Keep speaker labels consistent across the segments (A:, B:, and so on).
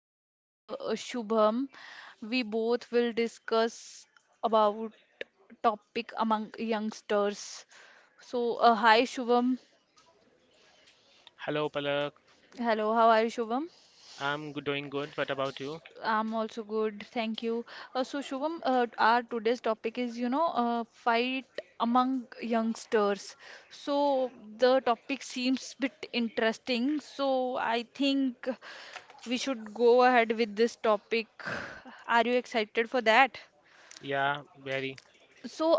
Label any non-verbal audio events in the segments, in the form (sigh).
A: I'm with Shubham. We both will discuss about topic among youngsters. Hi Shubham.
B: Hello, Palak.
A: Hello, how are you Shubham?
B: Doing good. What about you?
A: I'm also good, thank you. So Shubham, our today's topic is, fight among youngsters. So the topic seems bit interesting. So I think we should go ahead with this topic. Are you excited for that?
B: Yeah, very.
A: So,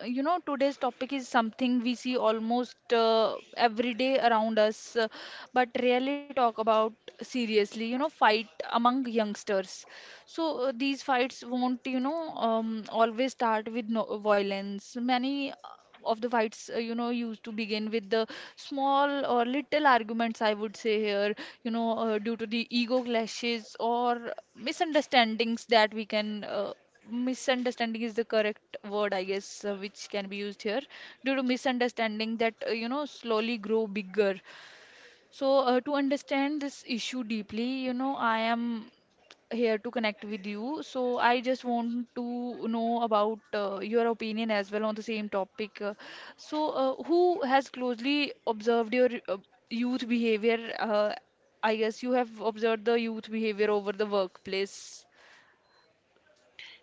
A: today's topic is something we see almost every day around us, but rarely talk about seriously, you know, fight among youngsters. These fights won't, always start with no violence. Many of the fights, used to begin with the small or little arguments, I would say here, due to the ego clashes or misunderstandings that we can misunderstanding is the correct word I guess, which can be used here due to misunderstanding that, slowly grow bigger. To understand this issue deeply, you know, I am here to connect with you, so I just want to know about your opinion as well on the same topic. Who has closely observed your youth behavior? I guess you have observed the youth behavior over the workplace.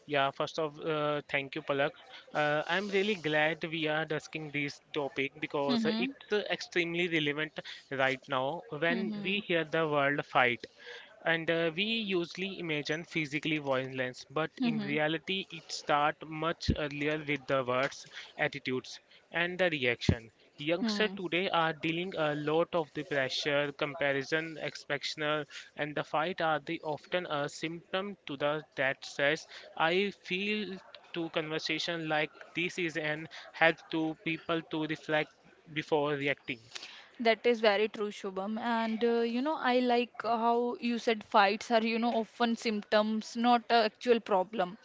B: Yeah, first of thank you, Palak. I'm really glad we are discussing this topic because
A: Mm-hmm.
B: it's extremely relevant right now when
A: Mm-hmm.
B: we hear the world fight. And We usually imagine physically violence, but in
A: Mm-hmm.
B: reality, it starts much earlier with the words, attitudes, and the reaction. Youngsters
A: Hmm,
B: today are dealing a lot of the pressure, comparison, expectation, and the fight are the often a symptom to the that says, "I feel." To conversation like this is an help to people to reflect before reacting.
A: that is very true, Shubham. And you know, I like how you said fights are, you know, often symptoms, not a actual problem.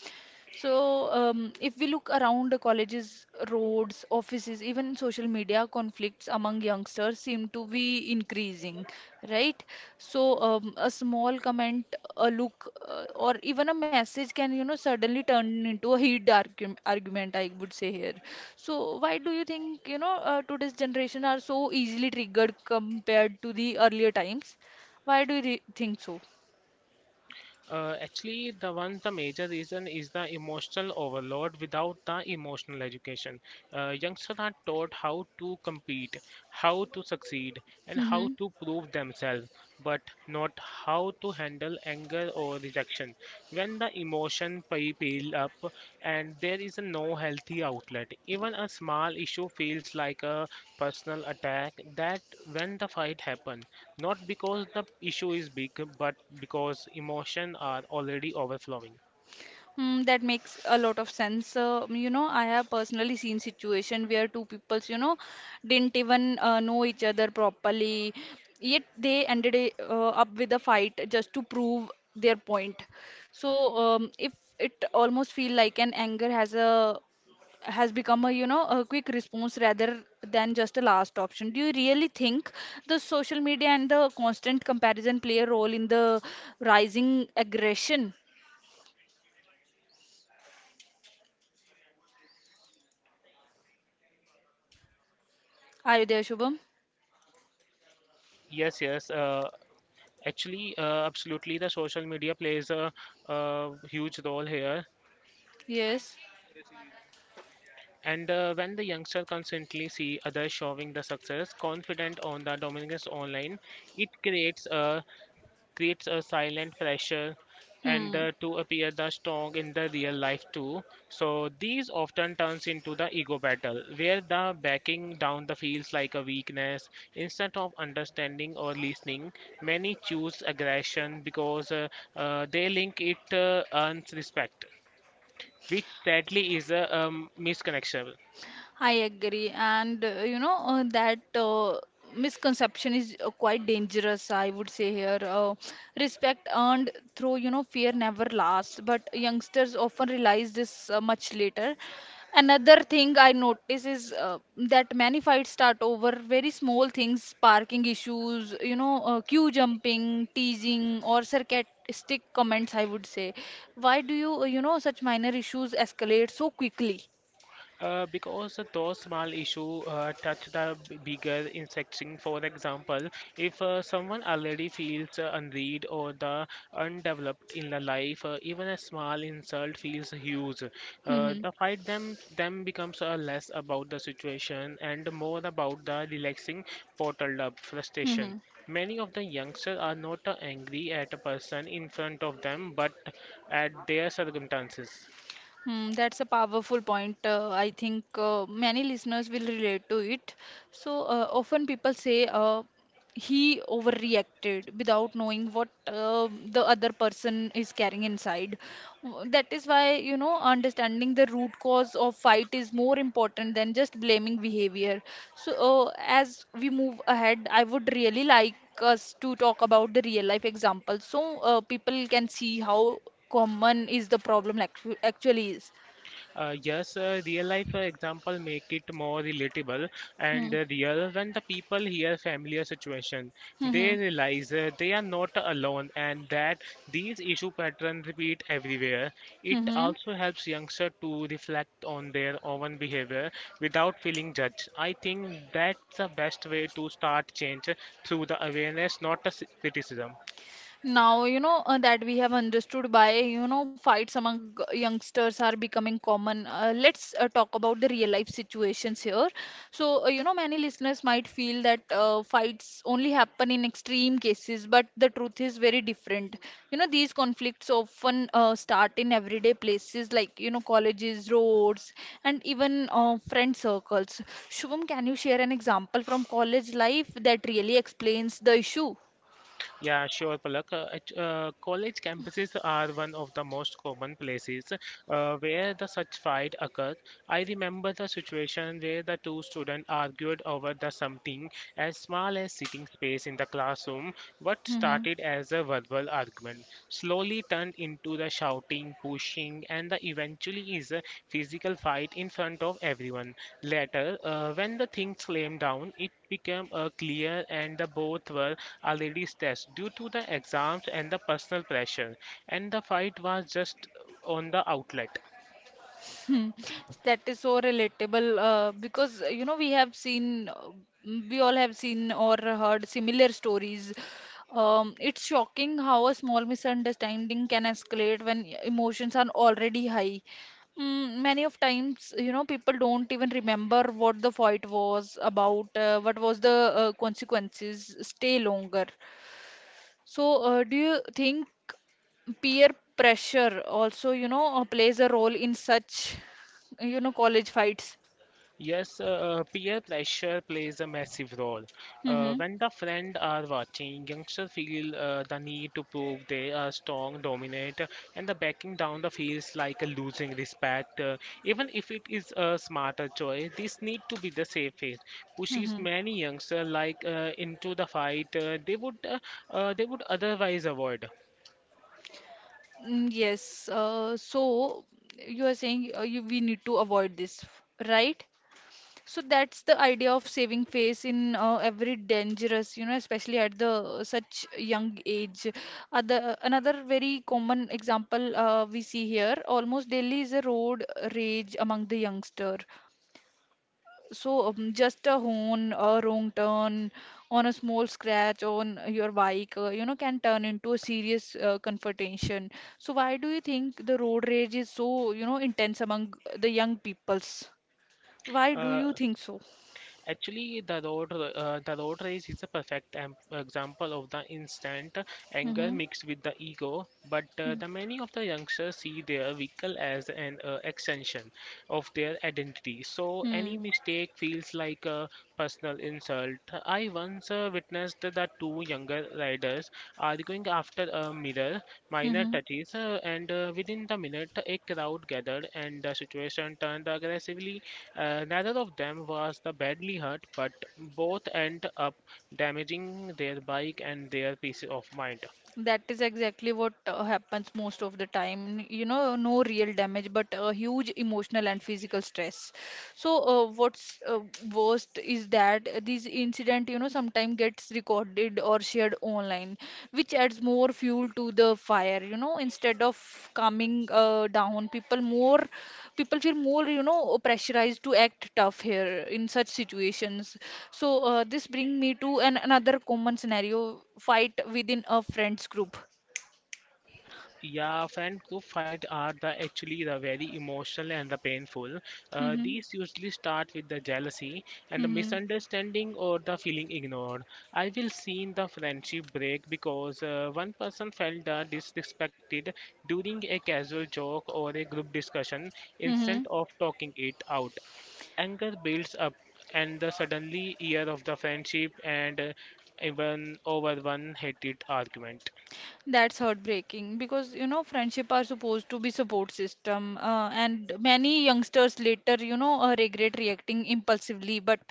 A: So, if we look around the colleges, roads, offices, even social media conflicts among youngsters seem to be increasing, right? So a small comment, a look, or even a message can, you know, suddenly turn into a heated argument, I would say here. So why do you think, today's generation are so easily triggered compared to the earlier times? Why do you think so?
B: Actually, the major reason is the emotional overload without the emotional education. Youngsters are taught how to compete, how to succeed, and how
A: Mm-hmm.
B: to prove themselves, but not how to handle anger or rejection when the pile up and there is no healthy outlet, even a small issue feels like a personal attack. That when the fight happen, not because the issue is big, but because emotion are already overflowing.
A: Mm, that makes a lot of sense. You know, I have personally seen situation where two peoples, you know, didn't even know each other properly, yet they up with a fight just to prove their point. So, if it almost feel like an anger has become, a you know, a quick response rather than just a last option. Do you really think the social media and the constant comparison play a role in the rising aggression? Are you there, Shubham?
B: Yes, actually, absolutely the social media plays a huge role here.
A: Yes.
B: And When the youngster constantly see others showing the success confident on the dominance online, it creates a silent pressure and
A: Hmm.
B: to appear the strong in the real life too. So these often turns into the ego battle where the backing down the feels like a weakness instead of understanding or listening. Many choose aggression because they link it earns respect, which sadly is a misconnection.
A: I agree, and you know that misconception is quite dangerous, I would say here. Respect earned through, you know, fear never lasts, but youngsters often realize this much later. Another thing I notice is that many fights start over very small things: parking issues, you know, queue jumping, teasing, or sarcastic comments, I would say. Why do you, you know such minor issues escalate so quickly?
B: Because those small issues touch the bigger section. For example, if someone already feels unread or the undeveloped in the life, even a small insult feels huge.
A: Hmm.
B: The fight them becomes less about the situation and more about the relaxing bottled up
A: Hmm.
B: frustration. Many of the youngsters are not angry at a person in front of them, but at their circumstances.
A: Hmm, that's a powerful point. I think many listeners will relate to it. So often people say, he overreacted without knowing what the other person is carrying inside. That is why, you know, understanding the root cause of fight is more important than just blaming behavior. so as we move ahead, I would really like us to talk about the real life examples, so people can see how common is the problem actually is.
B: Yes, real life example make it more relatable
A: Hmm.
B: and real. When the people hear familiar situation,
A: Hmm. Hmm.
B: they realize they are not alone and that these issue patterns repeat everywhere.
A: Hmm,
B: It
A: hmm.
B: also helps youngster to reflect on their own behavior without feeling judged. I think that's the best way to start change through the awareness, not the criticism.
A: Now, you know, that we have understood by, you know, fights among youngsters are becoming common. Let's talk about the real life situations here. So, you know, many listeners might feel that fights only happen in extreme cases, but the truth is very different. You know, these conflicts often start in everyday places like, you know, colleges, roads, and even friend circles. Shubham, can you share an example from college life that really explains the issue?
B: Yeah, sure, Palak. College campuses are one of the most common places where the such fight occurred. I remember the situation where the two students argued over the something as small as sitting space in the classroom. What
A: Mm-hmm.
B: started as a verbal argument slowly turned into the shouting, pushing, and the eventually is a physical fight in front of everyone. Later, when the things calmed down, it became clear and the both were already stressed due to the exams and the personal pressure, and the fight was just on the outlet.
A: (laughs) Hmm, that is so relatable because, you know, we all have seen or heard similar stories. It's shocking how a small misunderstanding can escalate when emotions are already high. Mm, many of times, you know, people don't even remember what the fight was about, what was the consequences, stay longer. So, do you think peer pressure also, plays a role in such, you know, college fights?
B: Yes, peer pressure plays a massive role.
A: Mm-hmm.
B: When the friends are watching, youngsters feel the need to prove they are strong, dominant, and the backing down the feels like a losing respect. Even if it is a smarter choice, this need to be the safest. Pushes
A: Mm-hmm.
B: many youngsters like into the fight they would otherwise avoid.
A: Mm, yes. So you are saying, we need to avoid this, right? So that's the idea of saving face in every dangerous, you know, especially at the such young age. Other Another very common example we see here, almost daily, is a road rage among the youngster. So just a horn, a wrong turn, on a small scratch on your bike, you know, can turn into a serious confrontation. So why do you think the road rage is so, you know, intense among the young peoples? Why do
B: Uh,
A: you think so?
B: Actually, the road race is a perfect example of the instant anger
A: Mm-hmm.
B: mixed with the ego. But the many of the youngsters see their vehicle as an extension of their identity. So
A: Hmm.
B: any mistake feels like a personal insult. I once witnessed the two younger riders arguing after a mirror, minor
A: Mm-hmm.
B: touches, and within the minute, a crowd gathered and the situation turned aggressively. Neither of them was the badly hurt, but both end up damaging their bike and their peace of mind.
A: That is exactly what happens most of the time. You know, no real damage, but a huge emotional and physical stress. So, what's worst is that these incident, you know, sometimes gets recorded or shared online, which adds more fuel to the fire. You know, instead of calming down, people feel more, you know, pressurized to act tough here in such situations. So this bring me to an another common scenario: fight within a friends group.
B: Yeah, fan group fight are the actually the very emotional and the painful.
A: Mm-hmm.
B: These usually start with the jealousy and the
A: Mm-hmm.
B: misunderstanding or the feeling ignored. I will see the friendship break because one person felt disrespected during a casual joke or a group discussion instead
A: Mm-hmm.
B: of talking it out. Anger builds up, and the suddenly year of the friendship and even over one heated argument.
A: That's heartbreaking because, you know, friendship are supposed to be support system, and many youngsters later, you know, regret reacting impulsively, but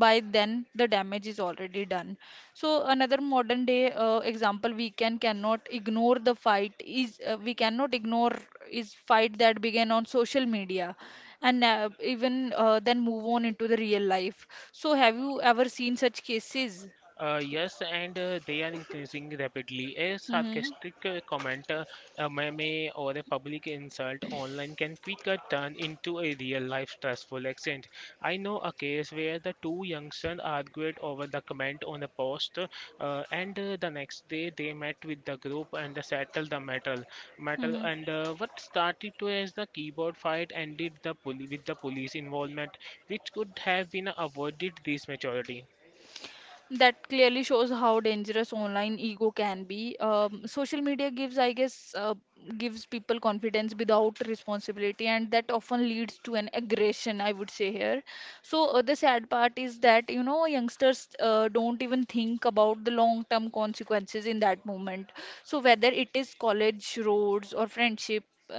A: by then the damage is already done. So another modern day example we cannot ignore is fight that began on social media and, even then move on into the real life. So have you ever seen such cases?
B: Yes, and they are increasing rapidly. A
A: Mm-hmm.
B: sarcastic comment, a meme, or a public insult online can quickly turn into a real-life stressful accident. I know a case where the two youngsters argued over the comment on a post, and the next day they met with the group and settled the matter
A: Mm-hmm.
B: and what started to as the keyboard fight ended with the police involvement, which could have been avoided this majority.
A: That clearly shows how dangerous online ego can be. Social media gives, I guess, gives people confidence without responsibility, and that often leads to an aggression, I would say here. So the sad part is that, you know, youngsters don't even think about the long-term consequences in that moment. So whether it is college, roads or friendship uh,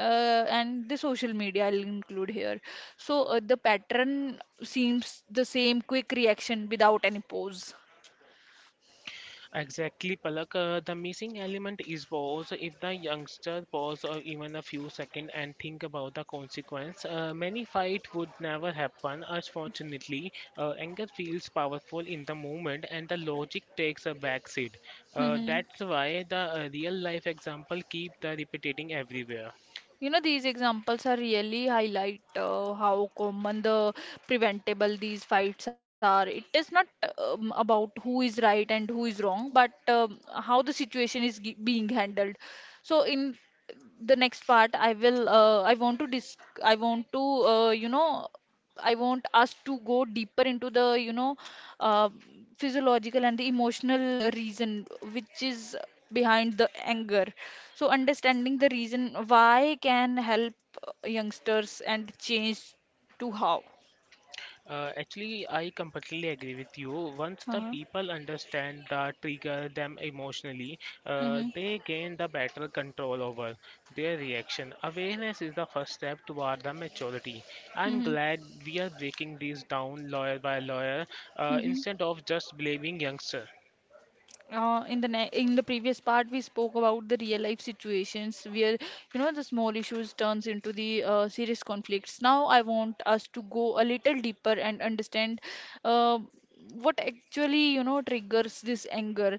A: and the social media, I'll include here. So the pattern seems the same: quick reaction without any pause.
B: Exactly, Palak. The missing element is pause. If the youngster pause or even a few seconds and think about the consequence, many fight would never happen. Unfortunately, anger feels powerful in the moment and the logic takes a backseat.
A: Mhm.
B: That's why the real life example keep the repeating everywhere.
A: You know, these examples are really highlight how common the preventable these fights are. It is not about who is right and who is wrong, but how the situation is g being handled. So in the next part, I will, I want to dis I want to, you know, I want us to go deeper into the, uh, physiological and the emotional reason which is behind the anger. So understanding the reason why can help youngsters and change to how.
B: Actually, I completely agree with you. Once the
A: Uh-huh.
B: people understand the trigger them emotionally,
A: Mm-hmm.
B: they gain the better control over their reaction. Awareness is the first step toward the maturity. I'm glad we are breaking these down lawyer by lawyer
A: Mm-hmm.
B: instead of just blaming youngsters.
A: In the previous part we spoke about the real life situations where, you know, the small issues turns into the serious conflicts. Now I want us to go a little deeper and understand uh, what actually, you know, triggers this anger,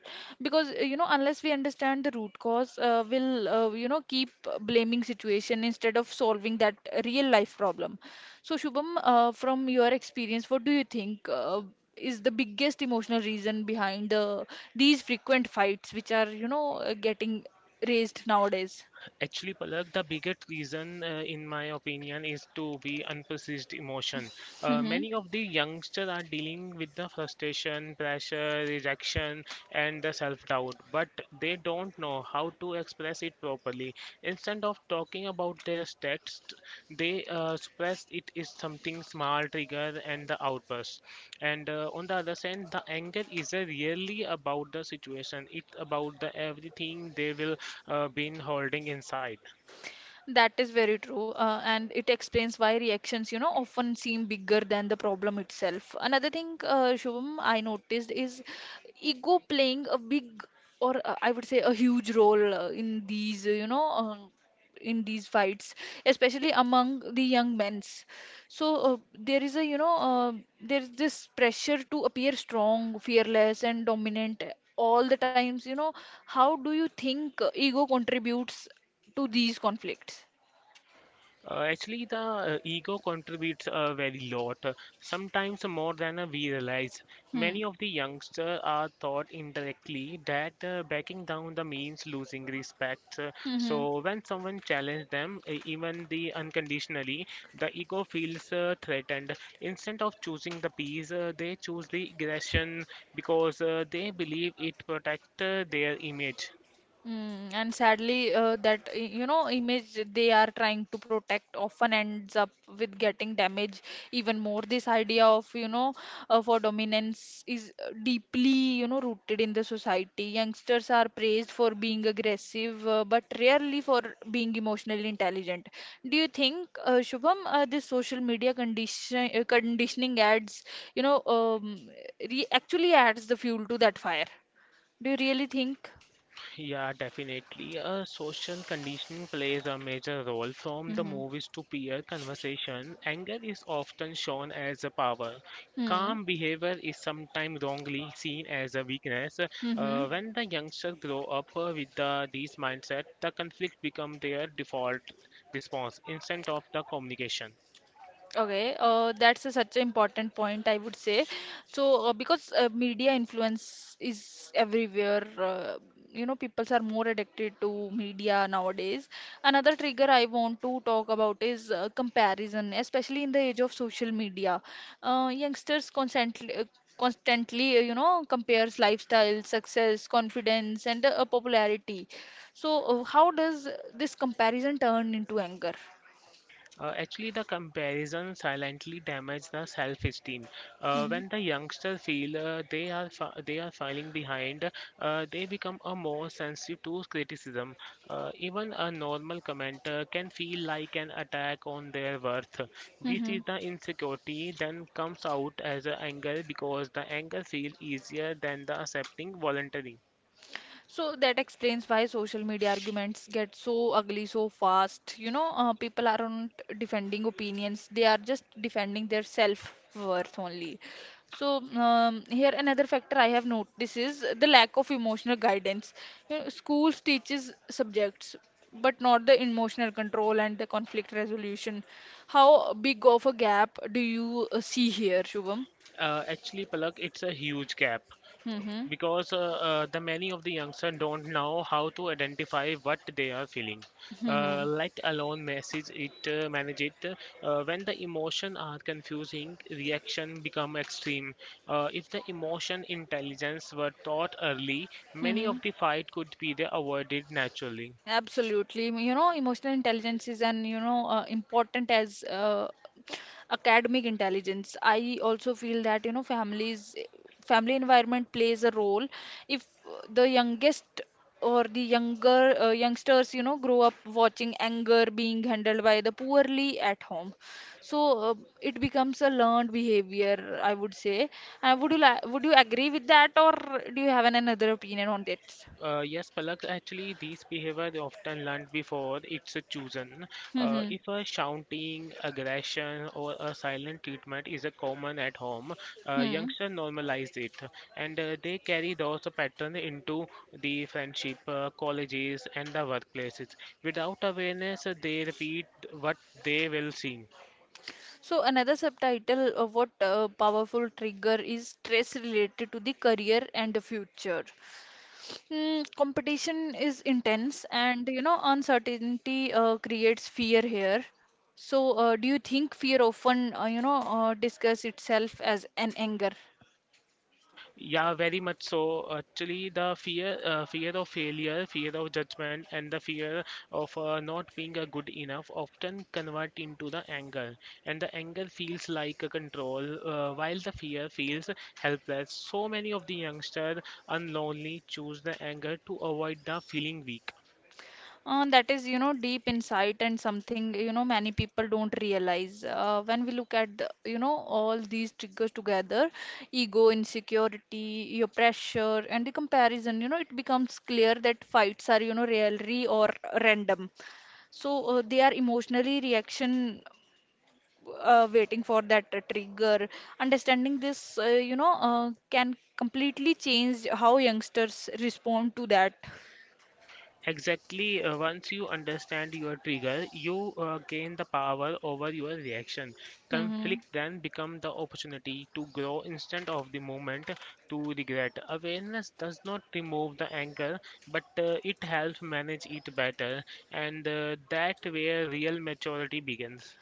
A: because you know, unless we understand the root cause, we'll, you know, keep blaming situation instead of solving that real life problem. So, Shubham, from your experience, what do you think is the biggest emotional reason behind these frequent fights, which are, getting raised nowadays?
B: Actually, Palak, the biggest reason, in my opinion, is to be unprocessed emotion.
A: Hmm.
B: Many of the youngsters are dealing with the frustration, pressure, rejection, and the self-doubt, but they don't know how to express it properly. Instead of talking about their stats, they suppress it is something small trigger and the outburst. And On the other hand, the anger is really about the situation. It's about the everything they will been holding inside.
A: That is very true, and it explains why reactions, you know, often seem bigger than the problem itself. Another thing, Shubham, I noticed is ego playing a big, or I would say a huge role in these, in these fights, especially among the young men's. So there is a, there is this pressure to appear strong, fearless, and dominant all the times. You know, how do you think ego contributes to these conflicts?
B: Actually, the ego contributes a very lot, sometimes more than we realize.
A: Hmm.
B: Many of the youngsters are taught indirectly that backing down the means losing respect.
A: Hmm. Hmm.
B: So when someone challenges them, even the unconditionally, the ego feels threatened. Instead of choosing the peace, they choose the aggression because they believe it protects their image.
A: Mm, and sadly, that you know image they are trying to protect often ends up with getting damaged even more. This idea of, you know, for dominance is deeply, you know, rooted in the society. Youngsters are praised for being aggressive, but rarely for being emotionally intelligent. Do you think, Shubham, this social media condition conditioning adds, you know re actually adds the fuel to that fire? Do you really think?
B: Yeah, definitely. Social conditioning plays a major role from the
A: Hmm.
B: movies to peer conversation. Anger is often shown as a power.
A: Hmm.
B: Calm behavior is sometimes wrongly seen as a weakness.
A: Mm-hmm.
B: When the youngsters grow up with these mindset, the conflict become their default response instead of the communication.
A: Okay. That's a, such an important point, I would say. So, because media influence is everywhere, you know, people are more addicted to media nowadays. Another trigger I want to talk about is comparison, especially in the age of social media. Youngsters constantly compares lifestyle, success, confidence, and popularity. So, how does this comparison turn into anger?
B: Actually, the comparison silently damages the self-esteem.
A: Mm-hmm.
B: When the youngsters feel they are falling behind, they become a more sensitive to criticism. Even a normal comment can feel like an attack on their worth. This
A: hmm
B: is the insecurity then comes out as a anger because the anger feels easier than the accepting voluntary.
A: So that explains why social media arguments get so ugly so fast. People aren't defending opinions, they are just defending their self-worth only. So, here another factor I have noticed is the lack of emotional guidance. You know, schools teaches subjects, but not the emotional control and the conflict resolution. How big of a gap do you see here, Shubham?
B: Actually, Palak, it's a huge gap.
A: Mm-hmm.
B: Because the many of the youngsters don't know how to identify what they are feeling,
A: Mm-hmm.
B: let alone message it manage it. When the emotion are confusing, reaction become extreme. If the emotion intelligence were taught early, many
A: Mm-hmm.
B: of the fight could be the avoided naturally.
A: Absolutely. Emotional intelligence is important as academic intelligence. I also feel that, you know, family environment plays a role. If the youngest the younger youngsters, you know, grow up watching anger being handled by the poorly at home, so uh, it becomes a learned behavior, I would say. Would you agree with that, or do you have another opinion on that?
B: Yes, Palak, actually, these behavior they often learned before it's a chosen.
A: (laughs) Hmm.
B: If a shouting, aggression, or a silent treatment is a common at home,
A: Hmm.
B: youngsters normalize it, and they carry those patterns into the friendship, colleges, and the workplaces. Without awareness, they repeat what they will see.
A: So another subtitle of what powerful trigger is stress related to the career and the future. Mm, competition is intense, and you know uncertainty creates fear here. So do you think fear often discuss itself as an anger?
B: Yeah, very much so. Actually, the fear of failure, fear of judgment, and the fear of not being a good enough often convert into the anger. And the anger feels like a control, while the fear feels helpless. So many of the youngsters unlonely choose the anger to avoid the feeling weak.
A: That is, you know, deep insight and something, you know, many people don't realize. When we look at, you know, all these triggers together, ego, insecurity, your pressure, and the comparison, you know, it becomes clear that fights are, you know, really or random. So they are emotionally reaction waiting for that trigger. Understanding this, can completely change how youngsters respond to that.
B: Exactly, once you understand your trigger, you gain the power over your reaction.
A: Mm-hmm.
B: Conflict then become the opportunity to grow instead of the moment to regret. Awareness does not remove the anger, but it helps manage it better, and that where real maturity begins.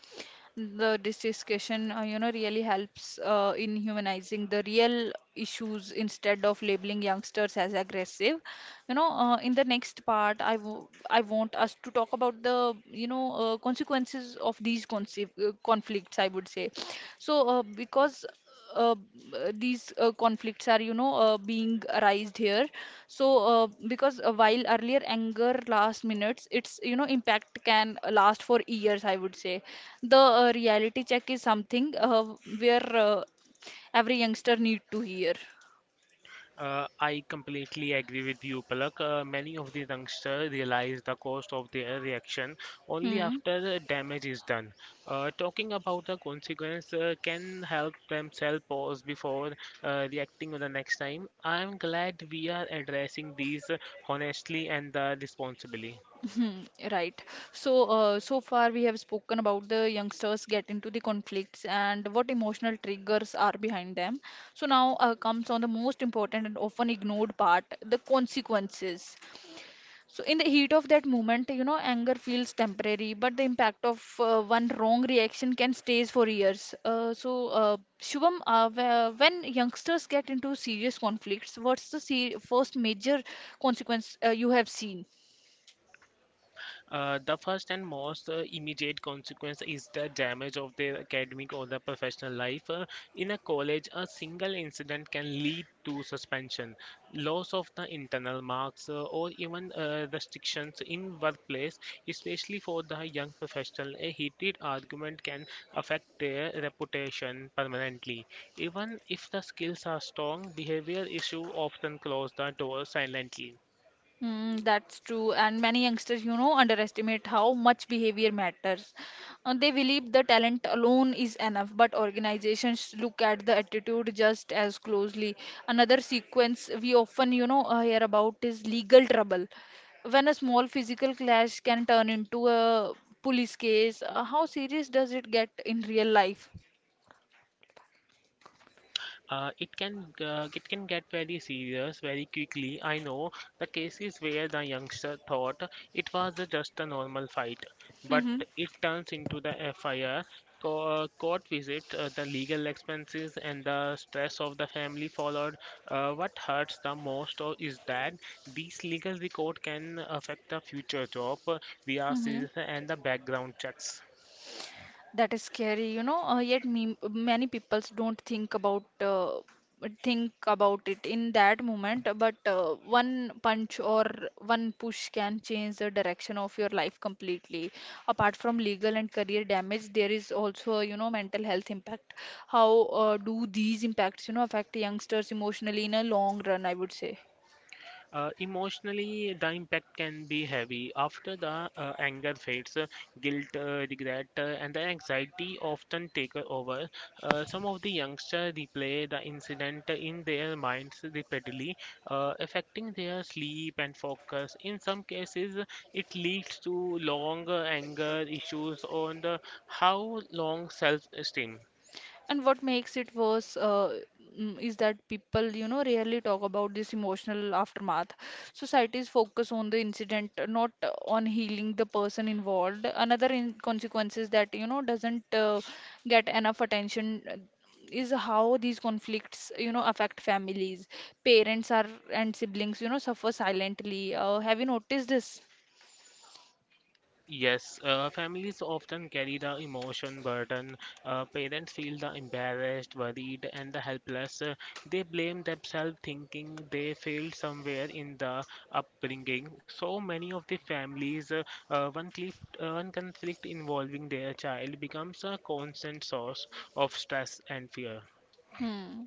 A: The this discussion, really helps in humanizing the real issues instead of labeling youngsters as aggressive. In the next part, I want us to talk about the, consequences of these conflicts, I would say. So, because uh, these conflicts are, being arised here. So, because while earlier anger lasts minutes, its, you know, impact can last for years, I would say. The reality check is something where every youngster need to hear.
B: I completely agree with you, Palak. Many of the youngsters realize the cost of their reaction only
A: Hmm.
B: after the damage is done. Talking about the consequence can help themselves pause before reacting on the next time. I am glad we are addressing these honestly and responsibly.
A: Hmm. Right. So, so far we have spoken about the youngsters get into the conflicts and what emotional triggers are behind them. So now comes on the most important and often ignored part, the consequences. So, in the heat of that moment, you know, anger feels temporary, but the impact of one wrong reaction can stays for years. So, Shubham, when youngsters get into serious conflicts, what's the se first major consequence you have seen?
B: The first and most immediate consequence is the damage of their academic or the professional life. In a college, a single incident can lead to suspension, loss of the internal marks, or even restrictions in workplace, especially for the young professional. A heated argument can affect their reputation permanently. Even if the skills are strong, behavior issue often close the door silently.
A: Mm, that's true, and many youngsters, you know, underestimate how much behavior matters. They believe the talent alone is enough, but organizations look at the attitude just as closely. Another sequence we often, hear about is legal trouble. When a small physical clash can turn into a police case, how serious does it get in real life?
B: It can it can get very serious very quickly. I know the cases where the youngster thought just a normal fight, but
A: Mm-hmm.
B: it turns into the FIR. Co- Court visit, the legal expenses, and the stress of the family followed. What hurts the most or is that these legal record can affect the future job,
A: Mm-hmm.
B: VRCs, and the background checks.
A: That is scary, you know. Yet me, many people don't think about it in that moment. But one punch or one push can change the direction of your life completely. Apart from legal and career damage, there is also you know mental health impact. How do these impacts you know affect youngsters emotionally in a long run? I would say.
B: Emotionally, the impact can be heavy. After the anger fades, guilt, regret, and the anxiety often take over. Some of the youngsters replay the incident in their minds repeatedly, affecting their sleep and focus. In some cases, it leads to long anger issues on the how long self-esteem.
A: And what makes it worse is that people, you know, rarely talk about this emotional aftermath. Societies focus on the incident, not on healing the person involved. Another in consequences that, you know, doesn't get enough attention is how these conflicts, you know, affect families. Parents are and siblings, you know, suffer silently. Have you noticed this?
B: Yes, families often carry the emotion burden. Parents feel the embarrassed, worried, and the helpless. They blame themselves, thinking they failed somewhere in the upbringing. So many of the families, one, cliff, one conflict involving their child becomes a constant source of stress and fear.
A: Hmm.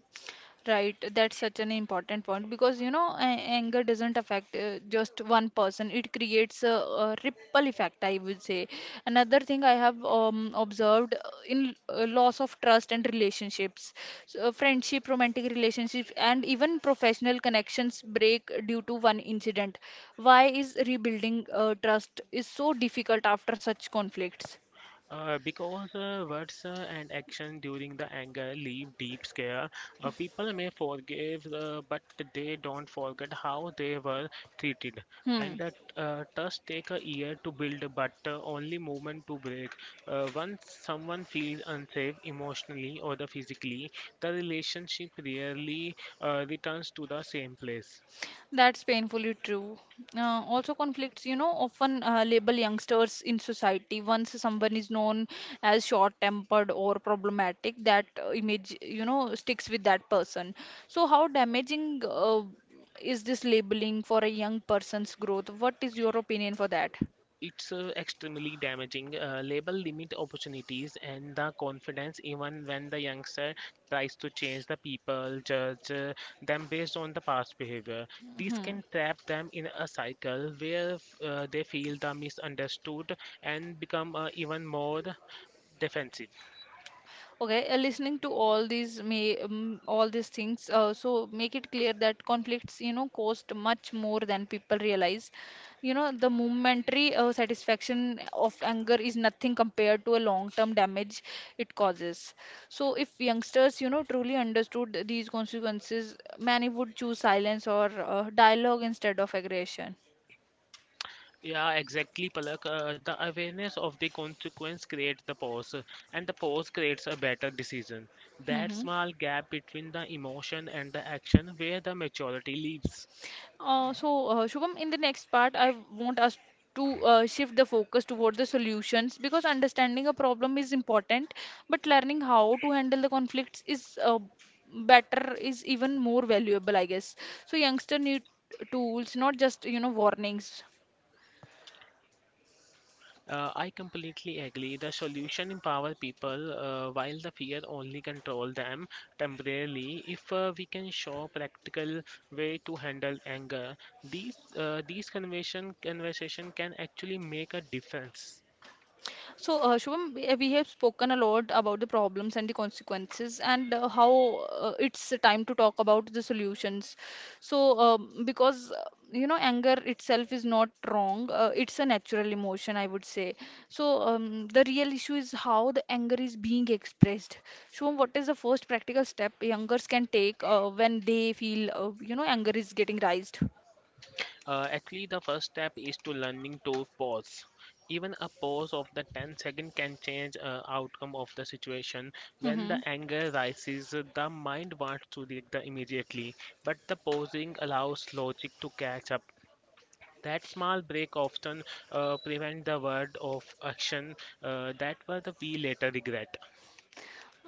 A: Right, that's such an important point because you know, anger doesn't affect just one person. It creates a ripple effect, I would say. Another thing I have observed in loss of trust and relationships, so, friendship, romantic relationships, and even professional connections break due to one incident. Why is rebuilding trust is so difficult after such conflicts?
B: Because words and action during the anger leave deep scare, people may forgive, but they don't forget how they were treated.
A: Hmm.
B: And that trust take a year to build, but only moment to break. Once someone feels unsafe emotionally or the physically, the relationship rarely returns to the same place.
A: That's painfully true. Also, conflicts, you know, often label youngsters in society. Once someone is known as short-tempered or problematic, that image, you know, sticks with that person. So, how damaging is this labeling for a young person's growth? What is your opinion for that?
B: It's extremely damaging. Label limit opportunities and the confidence, even when the youngster tries to change the people, judge them based on the past behavior. This
A: Mhm.
B: can trap them in a cycle where they feel the misunderstood and become even more defensive.
A: Okay, listening to all these may all these things, so make it clear that conflicts, you know, cost much more than people realize. You know, the momentary satisfaction of anger is nothing compared to a long-term damage it causes. So, if youngsters, you know, truly understood these consequences, many would choose silence or dialogue instead of aggression.
B: Yeah, exactly, Palak. The awareness of the consequence creates the pause, and the pause creates a better decision. That
A: Mm-hmm.
B: small gap between the emotion and the action where the maturity lives.
A: So, Shubham, in the next part, I want us to shift the focus toward the solutions because understanding a problem is important, but learning how to handle the conflicts is is even more valuable, I guess. So, youngster need tools, not just, you know, warnings.
B: I completely agree. The solution empower people while the fear only control them temporarily. If we can show practical way to handle anger, these conversation can actually make a difference.
A: So, Shubham, we have spoken a lot about the problems and the consequences, and how it's time to talk about the solutions. So, because you know, anger itself is not wrong, it's a natural emotion, I would say. So, the real issue is how the anger is being expressed. Shubham, what is the first practical step youngers can take when they feel, anger is getting raised?
B: Actually, the first step is to learning to pause. Even a pause of the 10-second can change outcome of the situation. When the
A: Mm-hmm.
B: anger rises, the mind wants to react immediately, but the pausing allows logic to catch up. That small break often prevent the word of action that were the we later regret.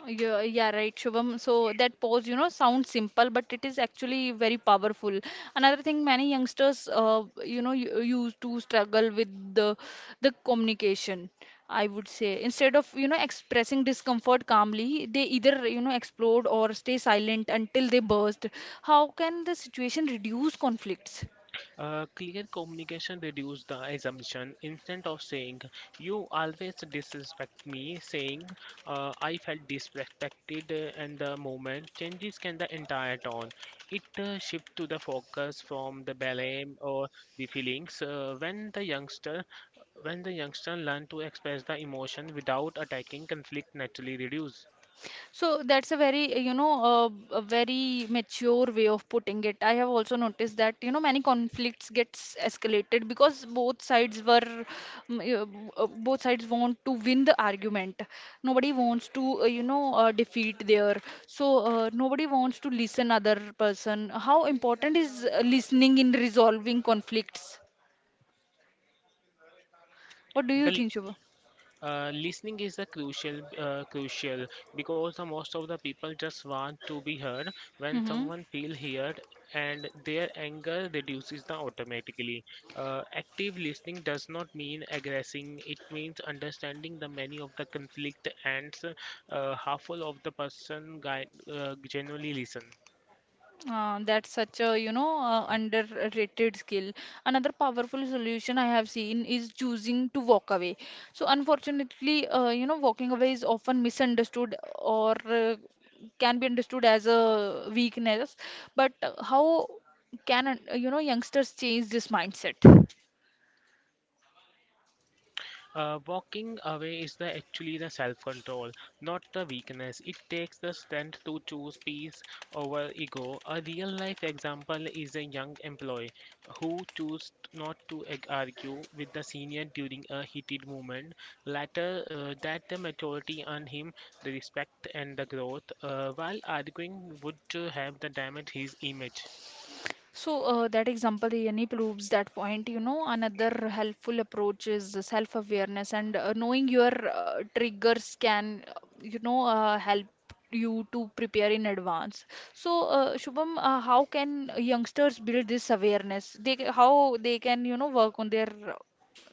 A: Yeah, yeah, right, Shubham. So that pose, you know, sounds simple, but it is actually very powerful. Another thing, many youngsters, used to struggle with the the communication. I would say instead of you know expressing discomfort calmly, they either you know explode or stay silent until they burst. How can the situation reduce conflicts?
B: Clear communication reduces the assumption. Instead of saying, you always disrespect me, saying, I felt disrespected, and the moment changes can the entire tone. It shifts to the focus from the blame or the feelings. When the youngster learn to express the emotion without attacking, conflict naturally reduces.
A: So that's a very, a very mature way of putting it. I have also noticed that, you know, many conflicts gets escalated because both sides were, both sides want to win the argument. Nobody wants to, defeat their. So nobody wants to listen other person. How important is listening in resolving conflicts? What do you
B: The
A: think, Shubha?
B: Listening is a crucial, crucial because the most of the people just want to be heard. When
A: Mm-hmm.
B: someone feel heard and their anger reduces the automatically. Active listening does not mean aggressing. It means understanding the many of the conflict and half of the person guy, genuinely listen.
A: That's such a, underrated skill. Another powerful solution I have seen is choosing to walk away. So, unfortunately, walking away is often misunderstood or can be understood as a weakness. But you know, youngsters change this mindset?
B: Walking away is the actually the self-control, not the weakness. It takes the strength to choose peace over ego. A real-life example is a young employee who chose not to argue with the senior during a heated moment. Later, that the maturity earned him the respect and the growth, while arguing would have the damage his image.
A: So, that example really proves that point. You know, another helpful approach is self awareness, and knowing your triggers can, help you to prepare in advance. So, Shubham, how can youngsters build this awareness? How they can, you know, work on their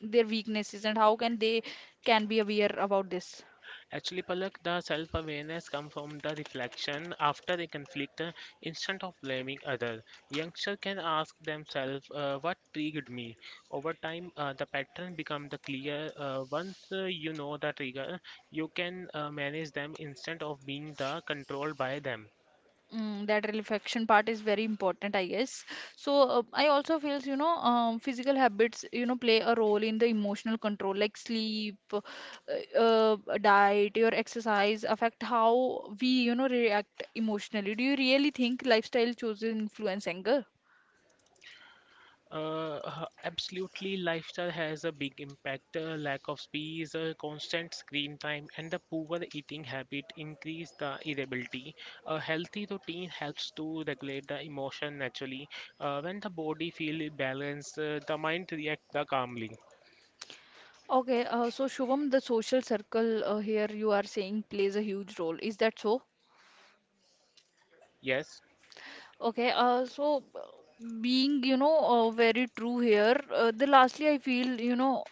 A: their weaknesses, and how can they can be aware about this?
B: Actually, Palak, the self-awareness comes from the reflection after a conflict instead of blaming others. Youngsters can ask themselves, what triggered me? Over time, the pattern becomes the clear. Once you know the trigger, you can manage them instead of being the controlled by them.
A: Mm, that reflection part is very important, I guess. So I also feels you know physical habits you know play a role in the emotional control, like sleep, diet, your exercise affect how we you know react emotionally. Do you really think lifestyle choices influence anger?
B: Absolutely, lifestyle has a big impact. Lack of space, constant screen time, and the poor eating habit increase the irritability. A healthy routine helps to regulate the emotion naturally. When the body feels balanced, the mind reacts calmly.
A: Okay, so Shubham, the social circle here you are saying plays a huge role. Is that so?
B: Yes.
A: Okay, so, being, very true here, the lastly I feel,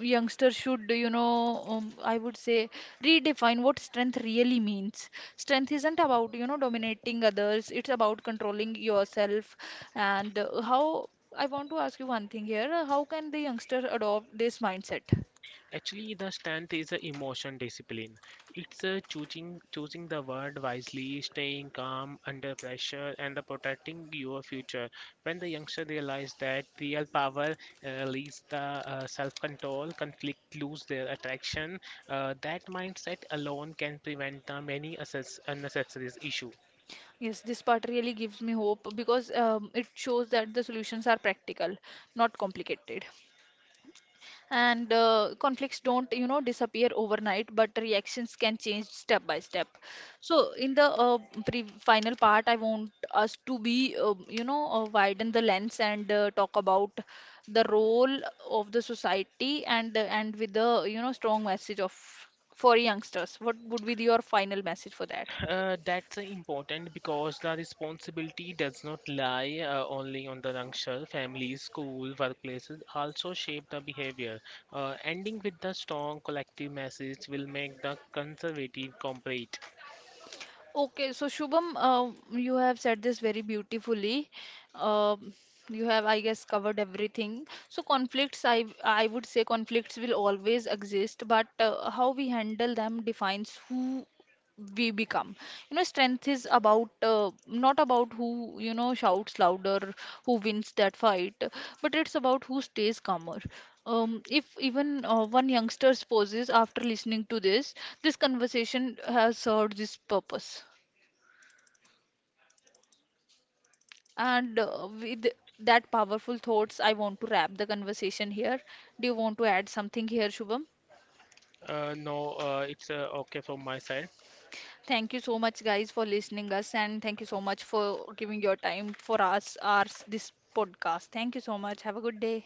A: youngsters should, I would say redefine what strength really means. Strength isn't about, you know, dominating others, it's about controlling yourself. And I want to ask you one thing here, how can the youngster adopt this mindset?
B: Actually, the strength is a emotion discipline. It's a choosing the word wisely, staying calm under pressure, and the protecting your future. When the youngster realize that real power leads the self-control, conflict lose their attraction. That mindset alone can prevent the many unnecessary issues.
A: Yes, this part really gives me hope because it shows that the solutions are practical, not complicated. And conflicts don't you know disappear overnight, but reactions can change step by step. So in the pre final part, I want us to be widen the lens and talk about the role of the society, and with the you know strong message of for youngsters, what would be your final message for that?
B: That's important because the responsibility does not lie only on the youngster. Families, school, workplaces also shape the behavior. Ending with the strong collective message will make the conservative complete.
A: Okay, so Shubham, you have said this very beautifully. Uh, you have, I guess, covered everything. So conflicts, I would say conflicts will always exist, but how we handle them defines who we become. You know, strength is about not about who you know shouts louder, who wins that fight, but it's about who stays calmer. If even one youngster poses after listening to this, this conversation has served this purpose. And with that powerful thoughts, I want to wrap the conversation here. Do you want to add something here, Shubham?
B: No, it's okay from my side.
A: Thank you so much, guys, for listening us, and thank you so much for giving your time for us, ours, this podcast. Thank you so much. Have a good day.